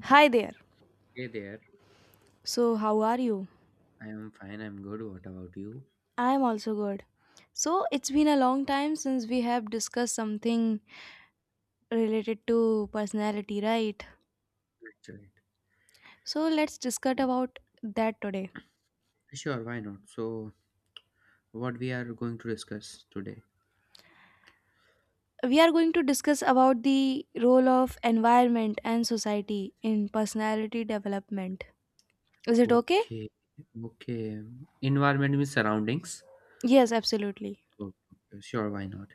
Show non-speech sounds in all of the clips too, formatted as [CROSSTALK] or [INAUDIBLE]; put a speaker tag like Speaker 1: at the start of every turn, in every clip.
Speaker 1: Hi there.
Speaker 2: Hey there.
Speaker 1: So, how are you?
Speaker 2: I am fine. I'm good. What about you?
Speaker 1: I am also good. So, it's been a long time since we have discussed something related to personality, right?
Speaker 2: That's right.
Speaker 1: So, let's discuss about that today.
Speaker 2: Sure, why not? So, what we are going to discuss today?
Speaker 1: We are going to discuss about the role of environment and society in personality development. Is it okay?
Speaker 2: Okay. Okay. Environment means surroundings.
Speaker 1: Yes, absolutely.
Speaker 2: Oh, okay. Sure, why not?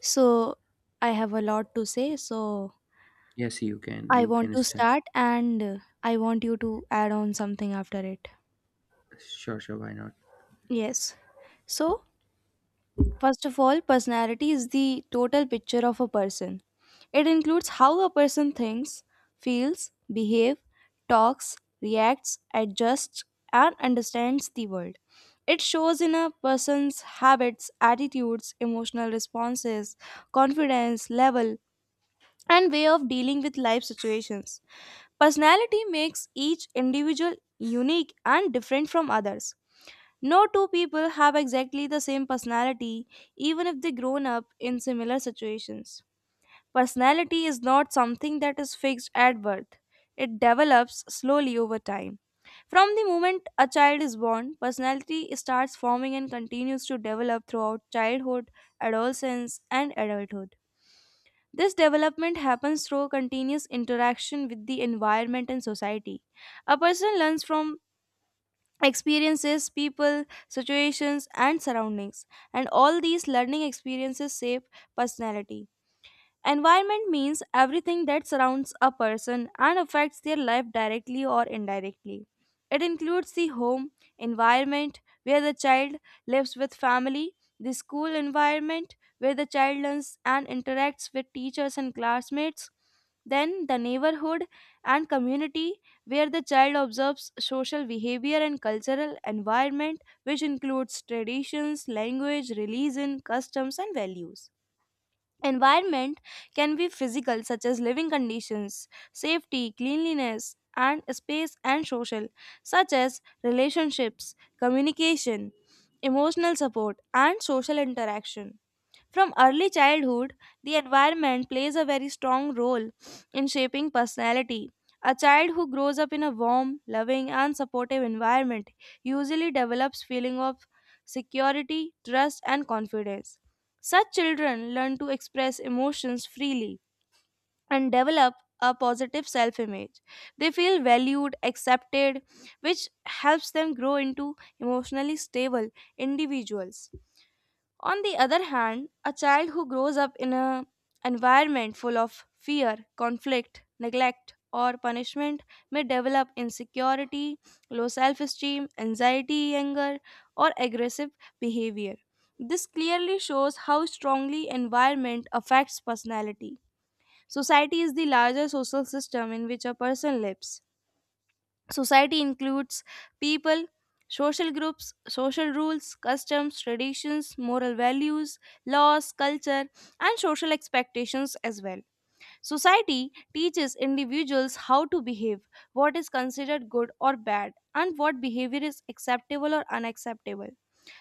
Speaker 1: So, I have a lot to say, so
Speaker 2: Yes, you can.
Speaker 1: I
Speaker 2: You
Speaker 1: want
Speaker 2: can
Speaker 1: to
Speaker 2: start.
Speaker 1: start and I want you to add on something after it.
Speaker 2: Sure, why not?
Speaker 1: Yes. So, first of all, personality is the total picture of a person. It includes how a person thinks, feels, behaves, talks, reacts, adjusts, and understands the world. It shows in a person's habits, attitudes, emotional responses, confidence level, and way of dealing with life situations. Personality makes each individual unique and different from others. No two people have exactly the same personality, even if they grown up in similar situations. Personality is not something that is fixed at birth, it develops slowly over time. From the moment a child is born, personality starts forming and continues to develop throughout childhood, adolescence, and adulthood. This development happens through continuous interaction with the environment and society. A person learns from experiences, people, situations, and surroundings. And all these learning experiences shape personality. Environment means everything that surrounds a person and affects their life directly or indirectly. It includes the home environment where the child lives with family, the school environment where the child learns and interacts with teachers and classmates, then the neighborhood and community where the child observes social behavior and cultural environment which includes traditions, language, religion, customs and values. Environment can be physical, such as living conditions, safety, cleanliness, and space, and social, such as relationships, communication, emotional support, and social interaction. From early childhood, the environment plays a very strong role in shaping personality. A child who grows up in a warm, loving, and supportive environment usually develops feeling of security, trust, and confidence. Such children learn to express emotions freely and develop a positive self-image. They feel valued, accepted, which helps them grow into emotionally stable individuals. On the other hand, a child who grows up in an environment full of fear, conflict, neglect, or punishment may develop insecurity, low self esteem, anxiety, anger, or aggressive behavior. This clearly shows how strongly environment affects personality. Society is the larger social system in which a person lives. Society includes people, social groups, social rules, customs, traditions, moral values, laws, culture, and social expectations as well. Society teaches individuals how to behave, what is considered good or bad, and what behavior is acceptable or unacceptable.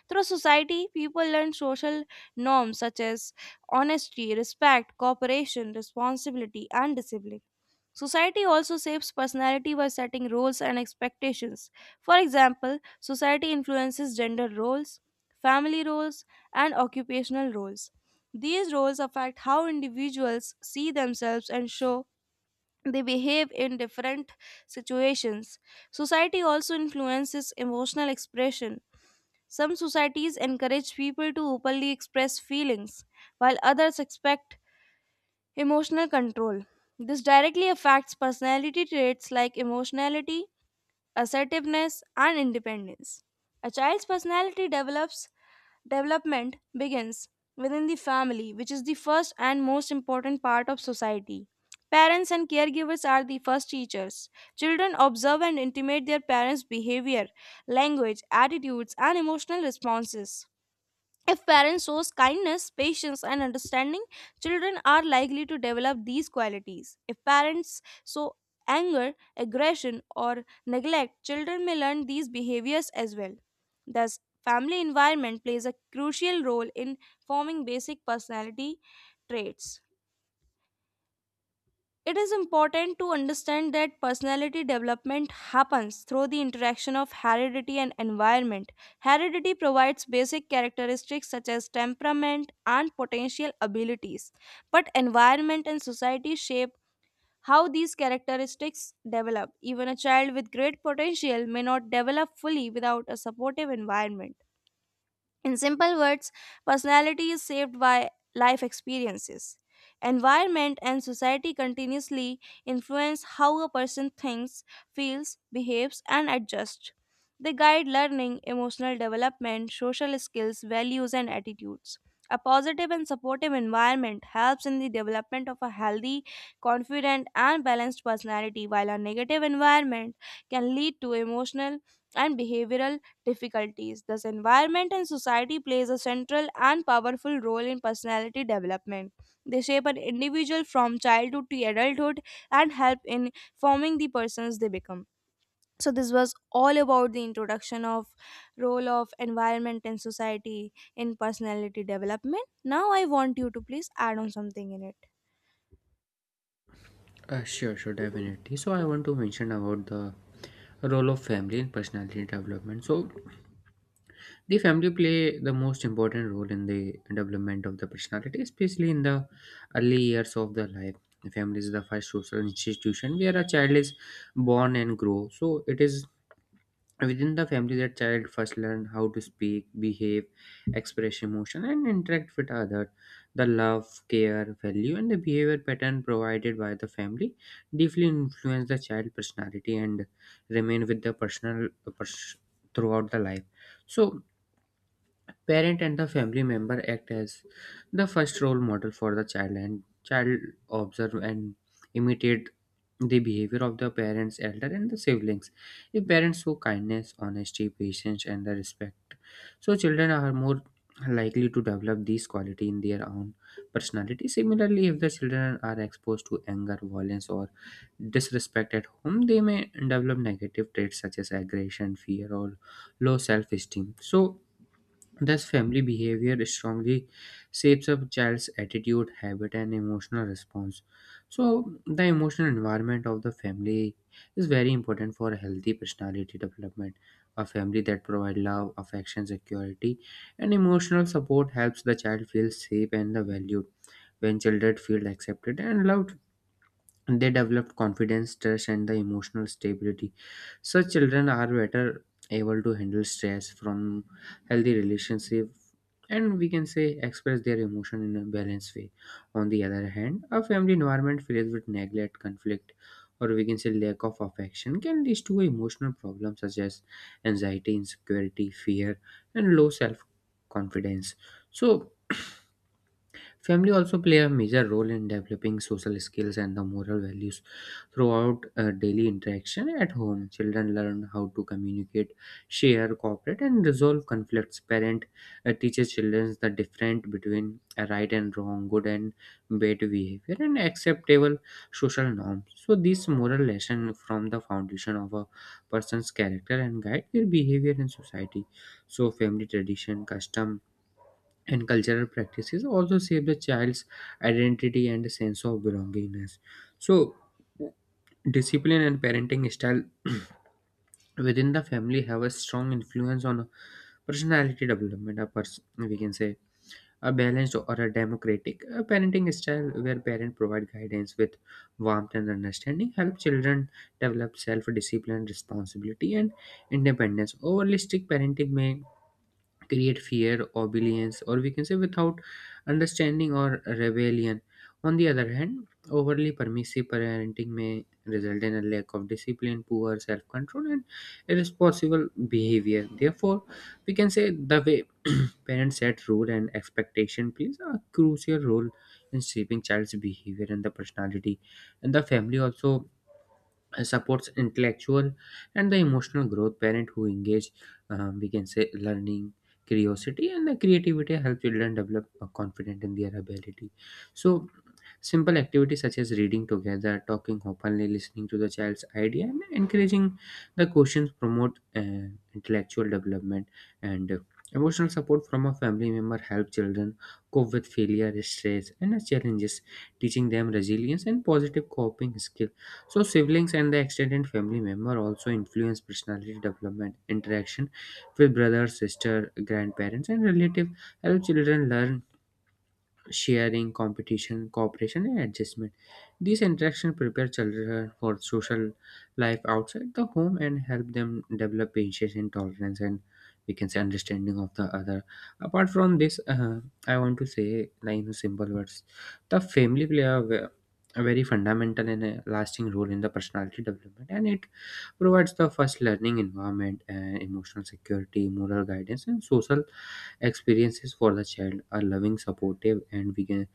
Speaker 1: Through society, people learn social norms such as honesty, respect, cooperation, responsibility, and discipline. Society also shapes personality by setting roles and expectations. For example, society influences gender roles, family roles, and occupational roles. These roles affect how individuals see themselves and show they behave in different situations. Society also influences emotional expression. Some societies encourage people to openly express feelings, while others expect emotional control. This directly affects personality traits like emotionality, assertiveness, and independence. A child's personality develops Development begins within the family, which is the first and most important part of society. Parents and caregivers are the first teachers. Children observe and intimate their parents' behavior, language, attitudes, and emotional responses. If parents show kindness, patience, and understanding, children are likely to develop these qualities. If parents show anger, aggression, or neglect, children may learn these behaviors as well. Thus, family environment plays a crucial role in forming basic personality traits. It is important to understand that personality development happens through the interaction of heredity and environment. Heredity provides basic characteristics such as temperament and potential abilities, but environment and society shape how these characteristics develop. Even a child with great potential may not develop fully without a supportive environment. In simple words, personality is shaped by life experiences. Environment and society continuously influence how a person thinks, feels, behaves, and adjusts. They guide learning, emotional development, social skills, values, and attitudes. A positive and supportive environment helps in the development of a healthy, confident, and balanced personality, while a negative environment can lead to emotional and behavioral difficulties. Thus, environment and society plays a central and powerful role in personality development. They shape an individual from childhood to adulthood and help in forming the persons they become. So this was all about the introduction of role of environment and society in personality development. Now I want you to please add on something in it.
Speaker 2: Sure, definitely. So, I want to mention about the role of family in personality development. So, the family play the most important role in the development of the personality, especially in the early years of the life. The family is the first social institution where a child is born and grow, so it is within the family that child first learn how to speak, behave, express emotion, and interact with others. The love, care, value, and the behavior pattern provided by the family deeply influence the child personality and remain with the personal pers- throughout the life. So, parent and the family member act as the first role model for the child, and child observe and imitate the behavior of the parents, elder and the siblings. If parents show kindness, honesty, patience and the respect, so children are more likely to develop these quality in their own personality. Similarly, if the children are exposed to anger, violence or disrespect at home, they may develop negative traits such as aggression, fear or low self-esteem. Thus, family behavior strongly shapes a child's attitude, habit, and emotional response. So, the emotional environment of the family is very important for a healthy personality development. A family that provides love, affection, security, and emotional support helps the child feel safe and valued. When children feel accepted and loved, they develop confidence, trust and the emotional stability, so children are better able to handle stress from healthy relationship, and we can say express their emotion in a balanced way. On the other hand, a family environment filled with neglect, conflict, or we can say lack of affection can lead to emotional problems such as anxiety, insecurity, fear, and low self confidence. So, family also play a major role in developing social skills and the moral values throughout daily interaction at home. Children learn how to communicate, share, cooperate, and resolve conflicts. Parent teaches children the difference between a right and wrong, good and bad behavior, and acceptable social norms. So these moral lessons from the foundation of a person's character and guide their behavior in society. So family tradition, custom, and cultural practices also shape the child's identity and sense of belongingness. So, discipline and parenting style [CLEARS THROAT] within the family have a strong influence on personality development. A person, we can say, a balanced or a democratic a parenting style where parents provide guidance with warmth and understanding help children develop self-discipline, responsibility and independence. Overly strict parenting may create fear, obedience, or we can say without understanding or rebellion. On the other hand, overly permissive parenting may result in a lack of discipline, poor self control, and irresponsible behavior. Therefore, we can say the way [CLEARS THROAT] parents set rule and expectation plays a crucial role in shaping child's behavior and the personality. And the family also supports intellectual and the emotional growth. Parent who engage we can say learning, curiosity and the creativity help children develop confidence in their ability. So simple activities such as reading together, talking openly, listening to the child's idea and encouraging the questions promote intellectual development, and emotional support from a family member help children cope with failure, stress and challenges, teaching them resilience and positive coping skills. So siblings and the extended family member also influence personality development. Interaction with brothers, sister, grandparents, and relatives help children learn sharing, competition, cooperation, and adjustment. These interactions prepare children for social life outside the home and help them develop patience and tolerance, and we can say understanding of the other. Apart from this, I want to say like in simple words, the family play a, a very fundamental and a lasting role in the personality development, and it provides the first learning environment and emotional security, moral guidance, and social experiences for the child. Are loving, supportive and we can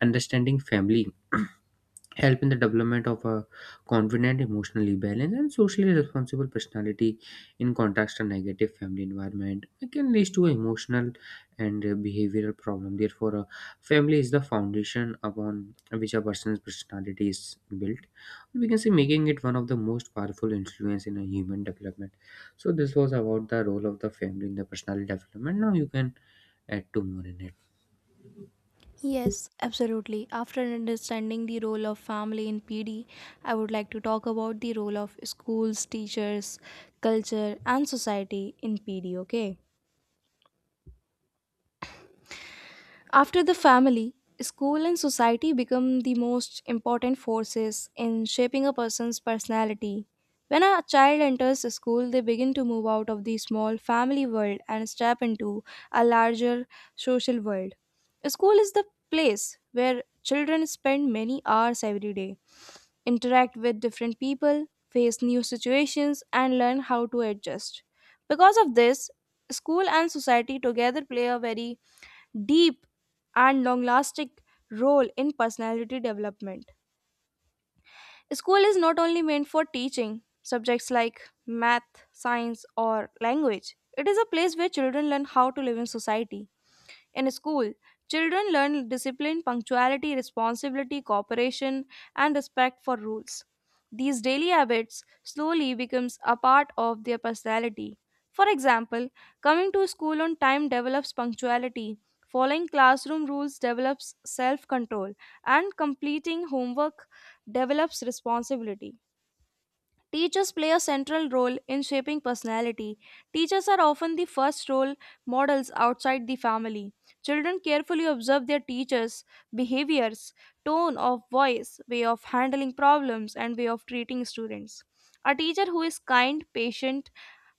Speaker 2: understanding family [CLEARS THROAT] help in the development of a confident, emotionally balanced and socially responsible personality. In contrast, a negative family environment, it can lead to emotional and behavioral problem. Therefore, a family is the foundation upon which a person's personality is built, we can say making it one of the most powerful influence in a human development. So this was about the role of the family in the personality development. Now you can add two more in it.
Speaker 1: Yes, absolutely. After understanding the role of family in PD, I would like to talk about the role of schools, teachers, culture, and society in PD, okay? After the family, school and society become the most important forces in shaping a person's personality. When a child enters school, they begin to move out of the small family world and step into a larger social world. School is the place where children spend many hours every day, interact with different people, face new situations, and learn how to adjust. Because of this, school and society together play a very deep and long lasting role in personality development. School is not only meant for teaching subjects like math, science, or language, it is a place where children learn how to live in society. In school, children learn discipline, punctuality, responsibility, cooperation, and respect for rules. These daily habits slowly becomes a part of their personality. For example, coming to school on time develops punctuality, following classroom rules develops self-control, and completing homework develops responsibility. Teachers play a central role in shaping personality. Teachers are often the first role models outside the family. Children carefully observe their teachers' behaviors, tone of voice, way of handling problems, and way of treating students. A teacher who is kind, patient,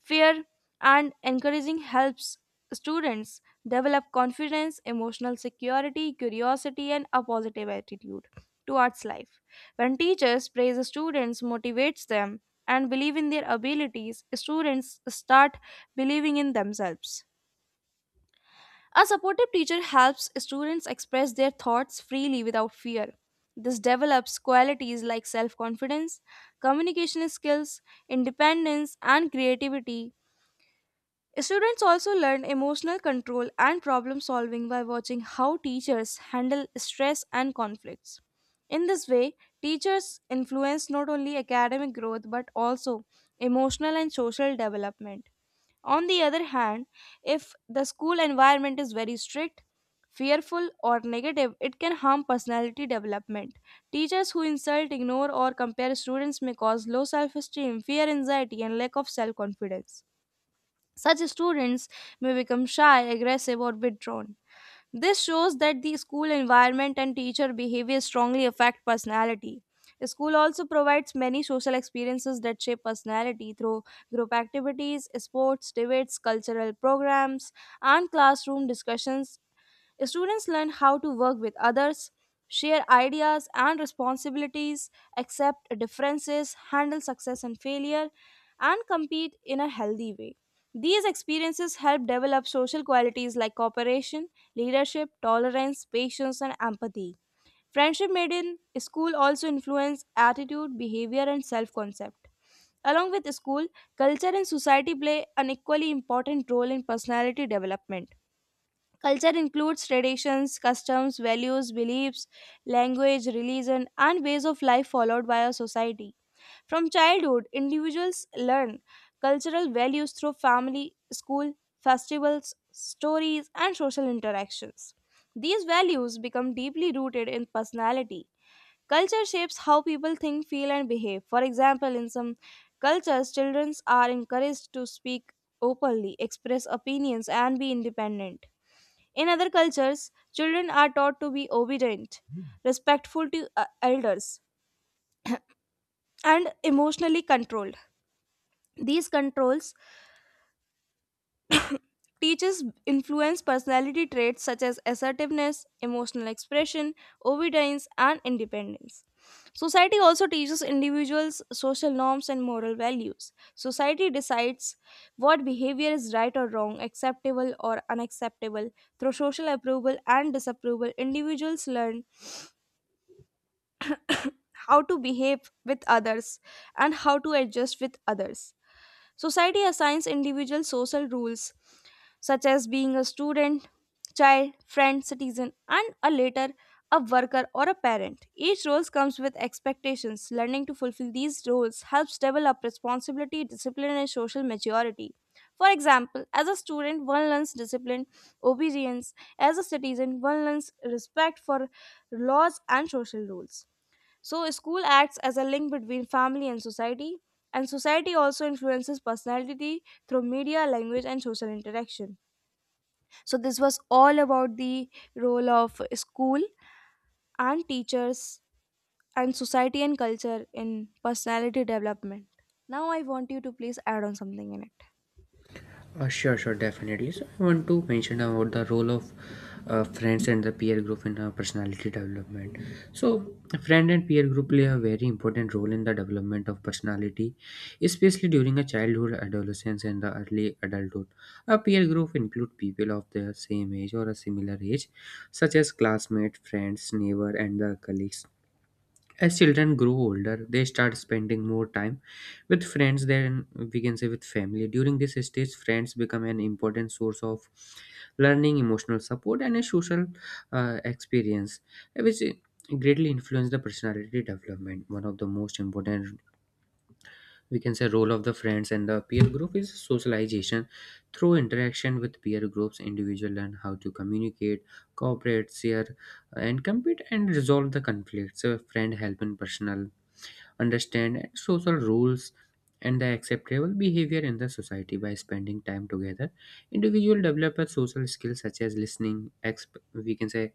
Speaker 1: fair, and encouraging helps students develop confidence, emotional security, curiosity, and a positive attitude towards life. When teachers praise students, motivates them, and believe in their abilities, students start believing in themselves. A supportive teacher helps students express their thoughts freely without fear. This develops qualities like self confidence, communication skills, independence, and creativity. Students also learn emotional control and problem solving by watching how teachers handle stress and conflicts. In this way, teachers influence not only academic growth but also emotional and social development. On the other hand, if the school environment is very strict, fearful, or negative, it can harm personality development. Teachers who insult, ignore, or compare students may cause low self esteem, fear, anxiety, and lack of self confidence. Such students may become shy, aggressive, or withdrawn. This shows that the school environment and teacher behavior strongly affect personality. School also provides many social experiences that shape personality through group activities, sports, debates, cultural programs, and classroom discussions. Students learn how to work with others, share ideas and responsibilities, accept differences, handle success and failure, and compete in a healthy way. These experiences help develop social qualities like cooperation, leadership, tolerance, patience, and empathy. Friendship made in school also influence attitude, behavior, and self concept. Along with school, culture and society play an equally important role in personality development. Culture includes traditions, customs, values, beliefs, language, religion, and ways of life followed by a society. From childhood, individuals learn cultural values through family, school, festivals, stories, and social interactions. These values become deeply rooted in personality. Culture shapes how people think, feel, and behave. For example, in some cultures, children are encouraged to speak openly, express opinions, and be independent. In other cultures, children are taught to be obedient, respectful to elders, and emotionally controlled. These controls teaches influence personality traits such as assertiveness, emotional expression, obedience, and independence. Society also teaches individuals social norms and moral values. Society decides what behavior is right or wrong, acceptable or unacceptable. Through social approval and disapproval, individuals learn how to behave with others, and how to adjust with others. Society assigns individual social rules such as being a student, child, friend, citizen, and a later a worker or a parent. Each role comes with expectations. Learning to fulfill these roles helps develop responsibility, discipline, and social maturity. For example, as a student, one learns discipline, obedience. As a citizen, one learns respect for laws and social rules. So, school acts as a link between family and society also influences personality through media, language, and social interaction. So, this was all about the role of school and teachers and society and culture in personality development. Now, I want you to please add on something in it.
Speaker 2: Sure, definitely. So I want to mention about the role of friends and the peer group in personality development. So friend and peer group play a very important role in the development of personality, especially during a childhood, adolescence and the early adulthood. A peer group include people of the same age or a similar age, such as classmate, friends, neighbor and the colleagues. As children grow older, they start spending more time with friends than we can say with family. During this stage, friends become an important source of learning, emotional support, and a social experience, which greatly influence the personality development. One of the most important, we can say, role of the friends and the peer group is socialization. Through interaction with peer groups, individuals learn how to communicate, cooperate, share, and compete, and resolve the conflicts. A friend help in personal understand social rules and the acceptable behavior in the society. By spending time together, individual develop a social skills such as listening, we can say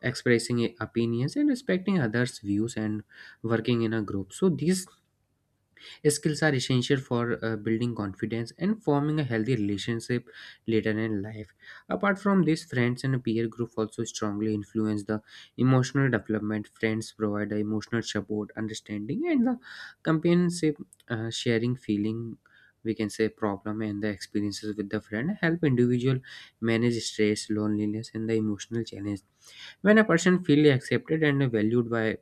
Speaker 2: expressing opinions and respecting others views and working in a group. So these skills are essential for building confidence and forming a healthy relationship later in life. Apart from this, friends and peer group also strongly influence the emotional development. Friends provide the emotional support, understanding, and the companionship. Sharing feeling, We can say problem and the experiences with the friend help individual manage stress, loneliness, and the emotional challenge. When a person feels accepted and valued by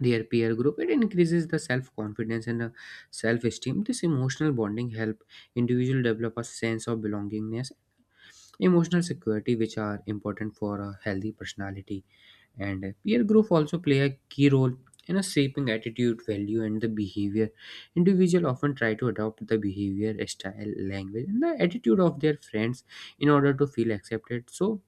Speaker 2: their peer group, it increases the self confidence and self esteem. This emotional bonding help individual develop a sense of belongingness, emotional security, which are important for a healthy personality. And peer group also play a key role in a shaping attitude, value and the behavior. Individual often try to adopt the behavior, style, language and the attitude of their friends in order to feel accepted. So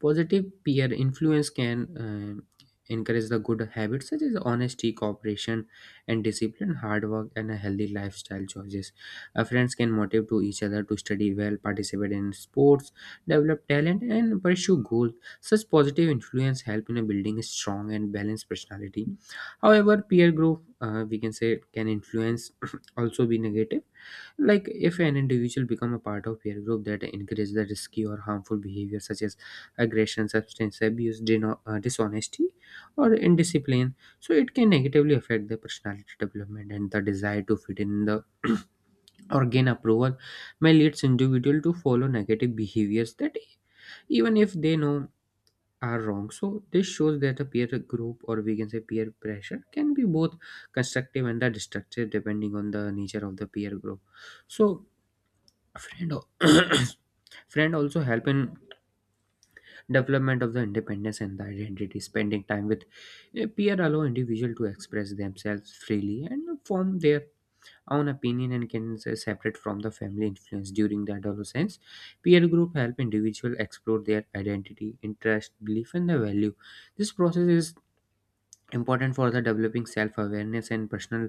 Speaker 2: positive peer influence can encourage the good habits such as honesty, cooperation, and discipline, hard work, and a healthy lifestyle choices. Friends can motivate to each other to study well, participate in sports, develop talent, and pursue goals. Such positive influence help in building a strong and balanced personality. However, peer group, we can say can influence [CLEARS THROAT] also be negative, like if an individual become a part of peer group that encourages the risky or harmful behavior such as aggression, substance abuse, dishonesty, or indiscipline. So it can negatively affect the personality development, and the desire to fit in the [CLEARS THROAT] or gain approval may leads individual to follow negative behaviors that even if they know are wrong. So this shows that a peer group, or we can say peer pressure, can be both constructive and the destructive depending on the nature of the peer group. So friend, [COUGHS] [CLEARS THROAT] friend also help in development of the independence and the identity. Spending time with a peer allow individual to express themselves freely and form their own opinion and can say separate from the family influence during the adolescence. Peer group help individual explore their identity, interest, belief and the value. This process is important for the developing self-awareness and personal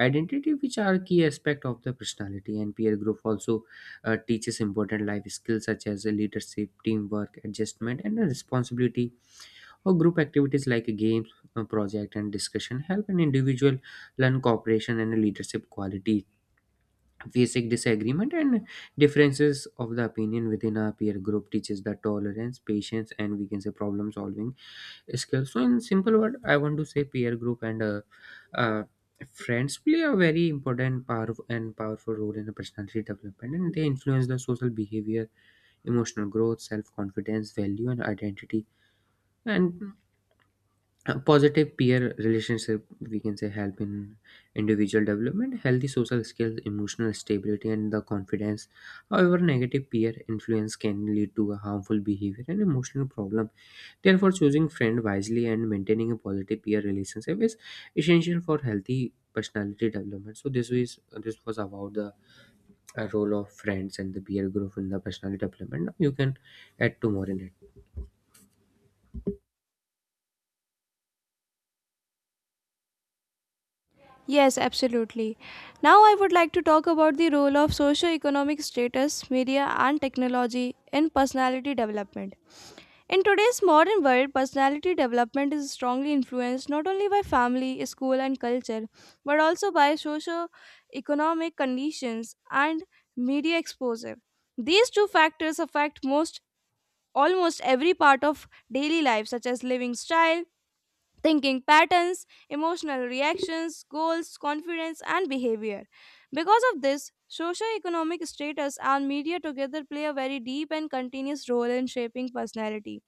Speaker 2: identity, which are key aspect of the personality. And peer group also teaches important life skills such as leadership, teamwork, adjustment and responsibility or group activities like games, project and discussion help an individual learn cooperation and leadership qualities. Basic disagreement and differences of the opinion within a peer group teaches the tolerance, patience and we can say problem solving skills. So in simple word I want to say peer group and uh, friends play a very important, powerful and powerful role in the personality development, and they influence the social behavior, emotional growth, self-confidence, value and identity. And a positive peer relationship, we can say, help in individual development, healthy social skills, emotional stability and the confidence. However, negative peer influence can lead to a harmful behavior and emotional problem. Therefore, choosing friend wisely and maintaining a positive peer relationship is essential for healthy personality development. So this was about the role of friends and the peer group in the personality development. You can add to more in it.
Speaker 1: Yes, absolutely. Now, I would like to talk about the role of socioeconomic status, media, and technology in personality development. In today's modern world, personality development is strongly influenced not only by family, school, and culture, but also by socio-economic conditions and media exposure. These two factors affect most almost every part of daily life, such as living style, thinking patterns, emotional reactions, goals, confidence, and behavior. Because of this, socio-economic status and media together play a very deep and continuous role in shaping personality.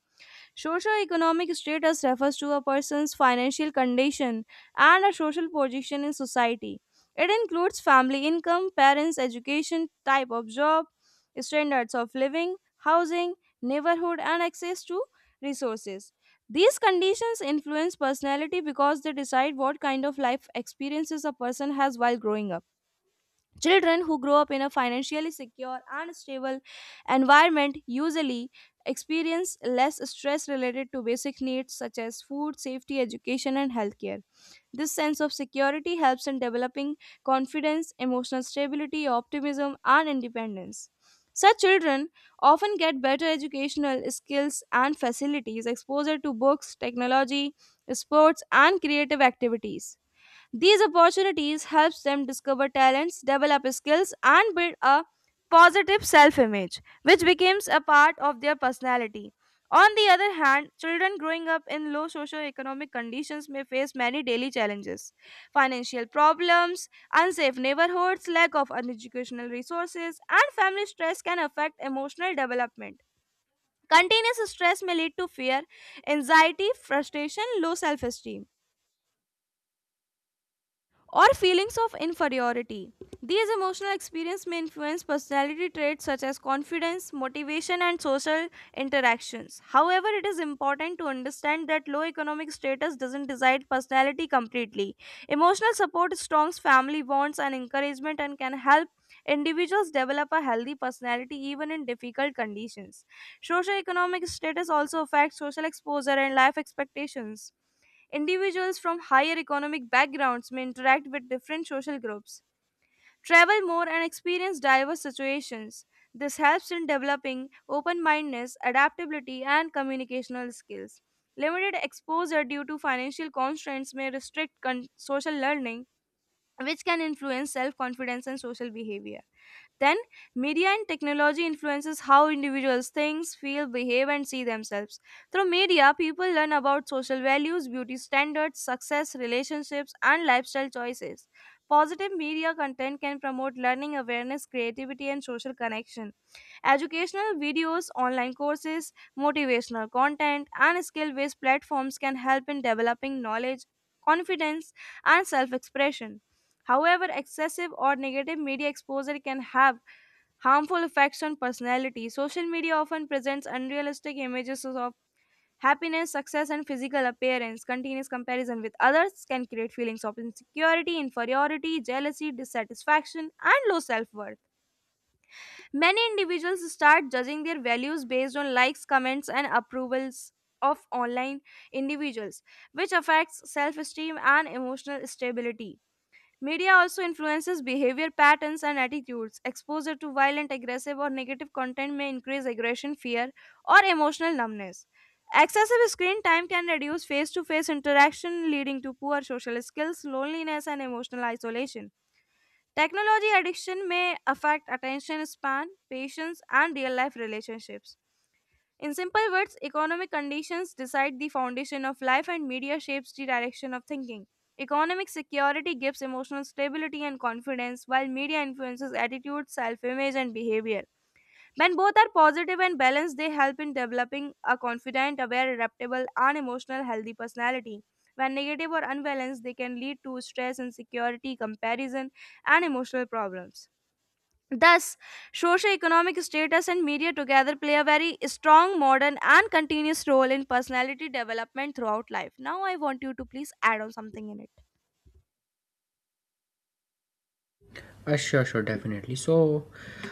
Speaker 1: Socioeconomic status refers to a person's financial condition and a social position in society. It includes family income, parents' education, type of job, standards of living, housing, neighborhood, and access to resources. These conditions influence personality because they decide what kind of life experiences a person has while growing up. Children who grow up in a financially secure and stable environment usually experience less stress related to basic needs such as food, safety, education, and healthcare. This sense of security helps in developing confidence, emotional stability, optimism, and independence. Such children often get better educational skills and facilities, exposure to books, technology, sports, and creative activities. These opportunities helps them discover talents, develop skills and build a positive self-image which becomes a part of their personality. On the other hand, children growing up in low socio-economic conditions may face many daily challenges. Financial problems, unsafe neighborhoods, lack of educational resources, and family stress can affect emotional development. Continuous stress may lead to fear, anxiety, frustration, low self-esteem, or feelings of inferiority. These emotional experiences may influence personality traits such as confidence, motivation, and social interactions. However, it is important to understand that low economic status doesn't decide personality completely. Emotional support strengthens family bonds and encouragement and can help individuals develop a healthy personality even in difficult conditions. Socioeconomic status also affects social exposure and life expectations. Individuals from higher economic backgrounds may interact with different social groups, travel more, and experience diverse situations. This helps in developing open mindedness, adaptability, and communicational skills. Limited exposure due to financial constraints may restrict social learning, which can influence self confidence and social behavior. Then, media and technology influences how individuals think, feel, behave, and see themselves. Through media, people learn about social values, beauty standards, success, relationships, and lifestyle choices. Positive media content can promote learning, awareness, creativity, and social connection. Educational videos, online courses, motivational content, and skill based platforms can help in developing knowledge, confidence, and self expression. However, excessive or negative media exposure can have harmful effects on personality. Social media often presents unrealistic images of happiness, success, and physical appearance. Continuous comparison with others can create feelings of insecurity, inferiority, jealousy, dissatisfaction, and low self worth. Many individuals start judging their values based on likes, comments, and approvals of online individuals, which affects self esteem and emotional stability. Media also influences behavior patterns and attitudes. Exposure to violent, aggressive, or negative content may increase aggression, fear, or emotional numbness. Excessive screen time can reduce face to face interaction, leading to poor social skills, loneliness, and emotional isolation. Technology addiction may affect attention span, patience, and real life relationships. In simple words, economic conditions decide the foundation of life and media shapes the direction of thinking. Economic security gives emotional stability and confidence, while media influences attitude, self image, and behavior. When both are positive and balanced, they help in developing a confident, aware, adaptable, and emotional healthy personality. When negative or unbalanced, they can lead to stress, insecurity, comparison, and emotional problems. Thus, socioeconomic status and media together play a very strong, modern, and continuous role in personality development throughout life. Now, I want you to please add on something in it.
Speaker 2: Sure, sure, definitely. So,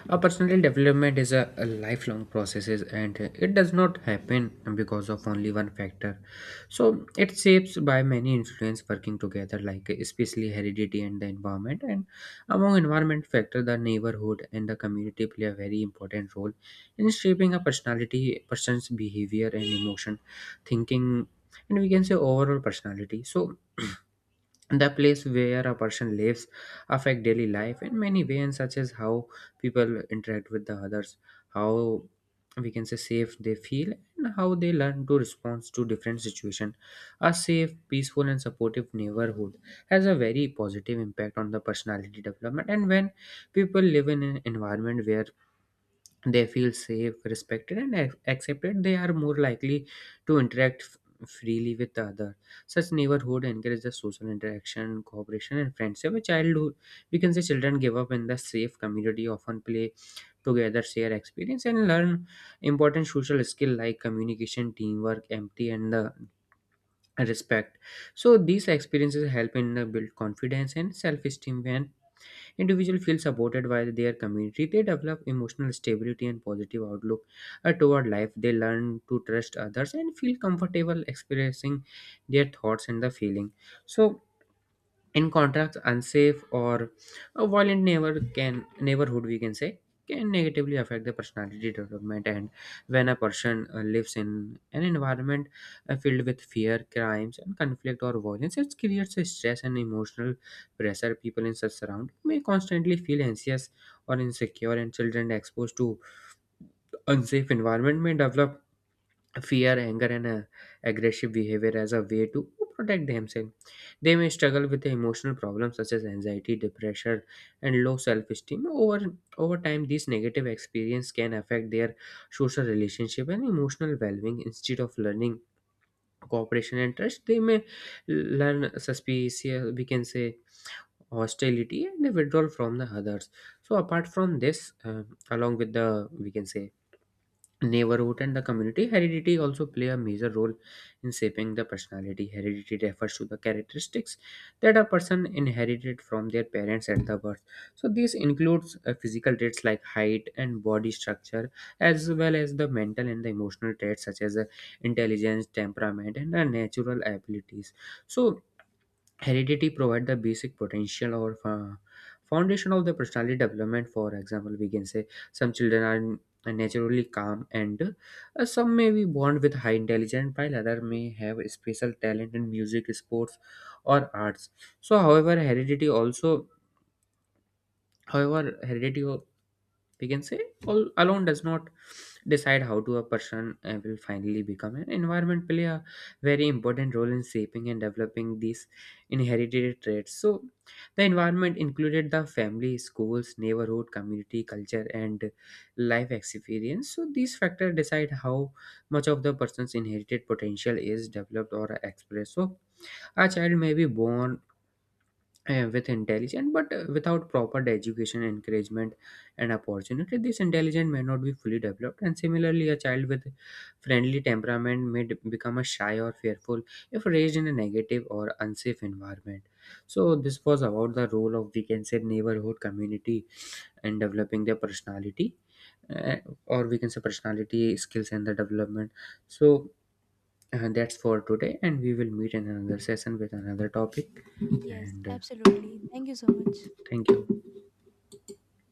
Speaker 2: a personal development is a lifelong process, and it does not happen because of only one factor. So, it shapes by many influence working together, like especially heredity and the environment. And among environment factor, the neighborhood and the community play a very important role in shaping a personality, person's behavior and emotion, thinking, and we can say overall personality. So. [CLEARS THROAT] The place where a person lives affect daily life in many ways, such as how people interact with the others, how we can say safe they feel and how they learn to respond to different situation. A safe, peaceful and supportive neighborhood has a very positive impact on the personality development. And when people live in an environment where they feel safe, respected and accepted, they are more likely to interact freely with the other. Such neighborhood encourages social interaction, cooperation and friendship. A childhood, we can say, children give up in the safe community often play together, share experience and learn important social skill like communication, teamwork, empathy and the respect. So these experiences help in the build confidence and self-esteem. When individuals feel supported by their community, they develop emotional stability and positive outlook toward life. They learn to trust others and feel comfortable expressing their thoughts and the feeling. So in contrast, unsafe or a violent neighborhood, we can say, can negatively affect the personality development. And when a person lives in an environment filled with fear, crimes and conflict or violence, it creates a stress and emotional pressure. People in such surrounding may constantly feel anxious or insecure, and children exposed to unsafe environment may develop fear, anger, and aggressive behavior as a way to protect themselves. They may struggle with emotional problems such as anxiety, depression, and low self-esteem. Over time, these negative experiences can affect their social relationship and emotional well-being. Instead of learning cooperation and trust, they may learn suspicious, we can say, hostility and withdrawal from the others. So apart from this, along with the, we can say, neighborhood and the community, heredity also play a major role in shaping the personality. Heredity refers to the characteristics that a person inherited from their parents at the birth. So this includes physical traits like height and body structure, as well as the mental and the emotional traits such as intelligence, temperament and natural abilities. So heredity provide the basic potential or foundation of the personality development. For example, we can say some children are naturally calm and some may be born with high intelligence, while other may have special talent in music, sports or arts. So however heredity, we can say, all alone does not decide how to a person will finally become. An environment play a very important role in shaping and developing these inherited traits. So the environment included the family, schools, neighborhood, community, culture and life experience. So these factors decide how much of the person's inherited potential is developed or expressed. So a child may be born with intelligence, but without proper education, encouragement, and opportunity, this intelligence may not be fully developed. And similarly, a child with friendly temperament may become a shy or fearful if raised in a negative or unsafe environment. So this was about the role of, we can say, neighborhood community in developing their personality, uh, or we can say personality skills and the development. So. That's for today, and we will meet in another session with another topic.
Speaker 1: Yes,
Speaker 2: And
Speaker 1: absolutely. Thank you so much.
Speaker 2: thank you.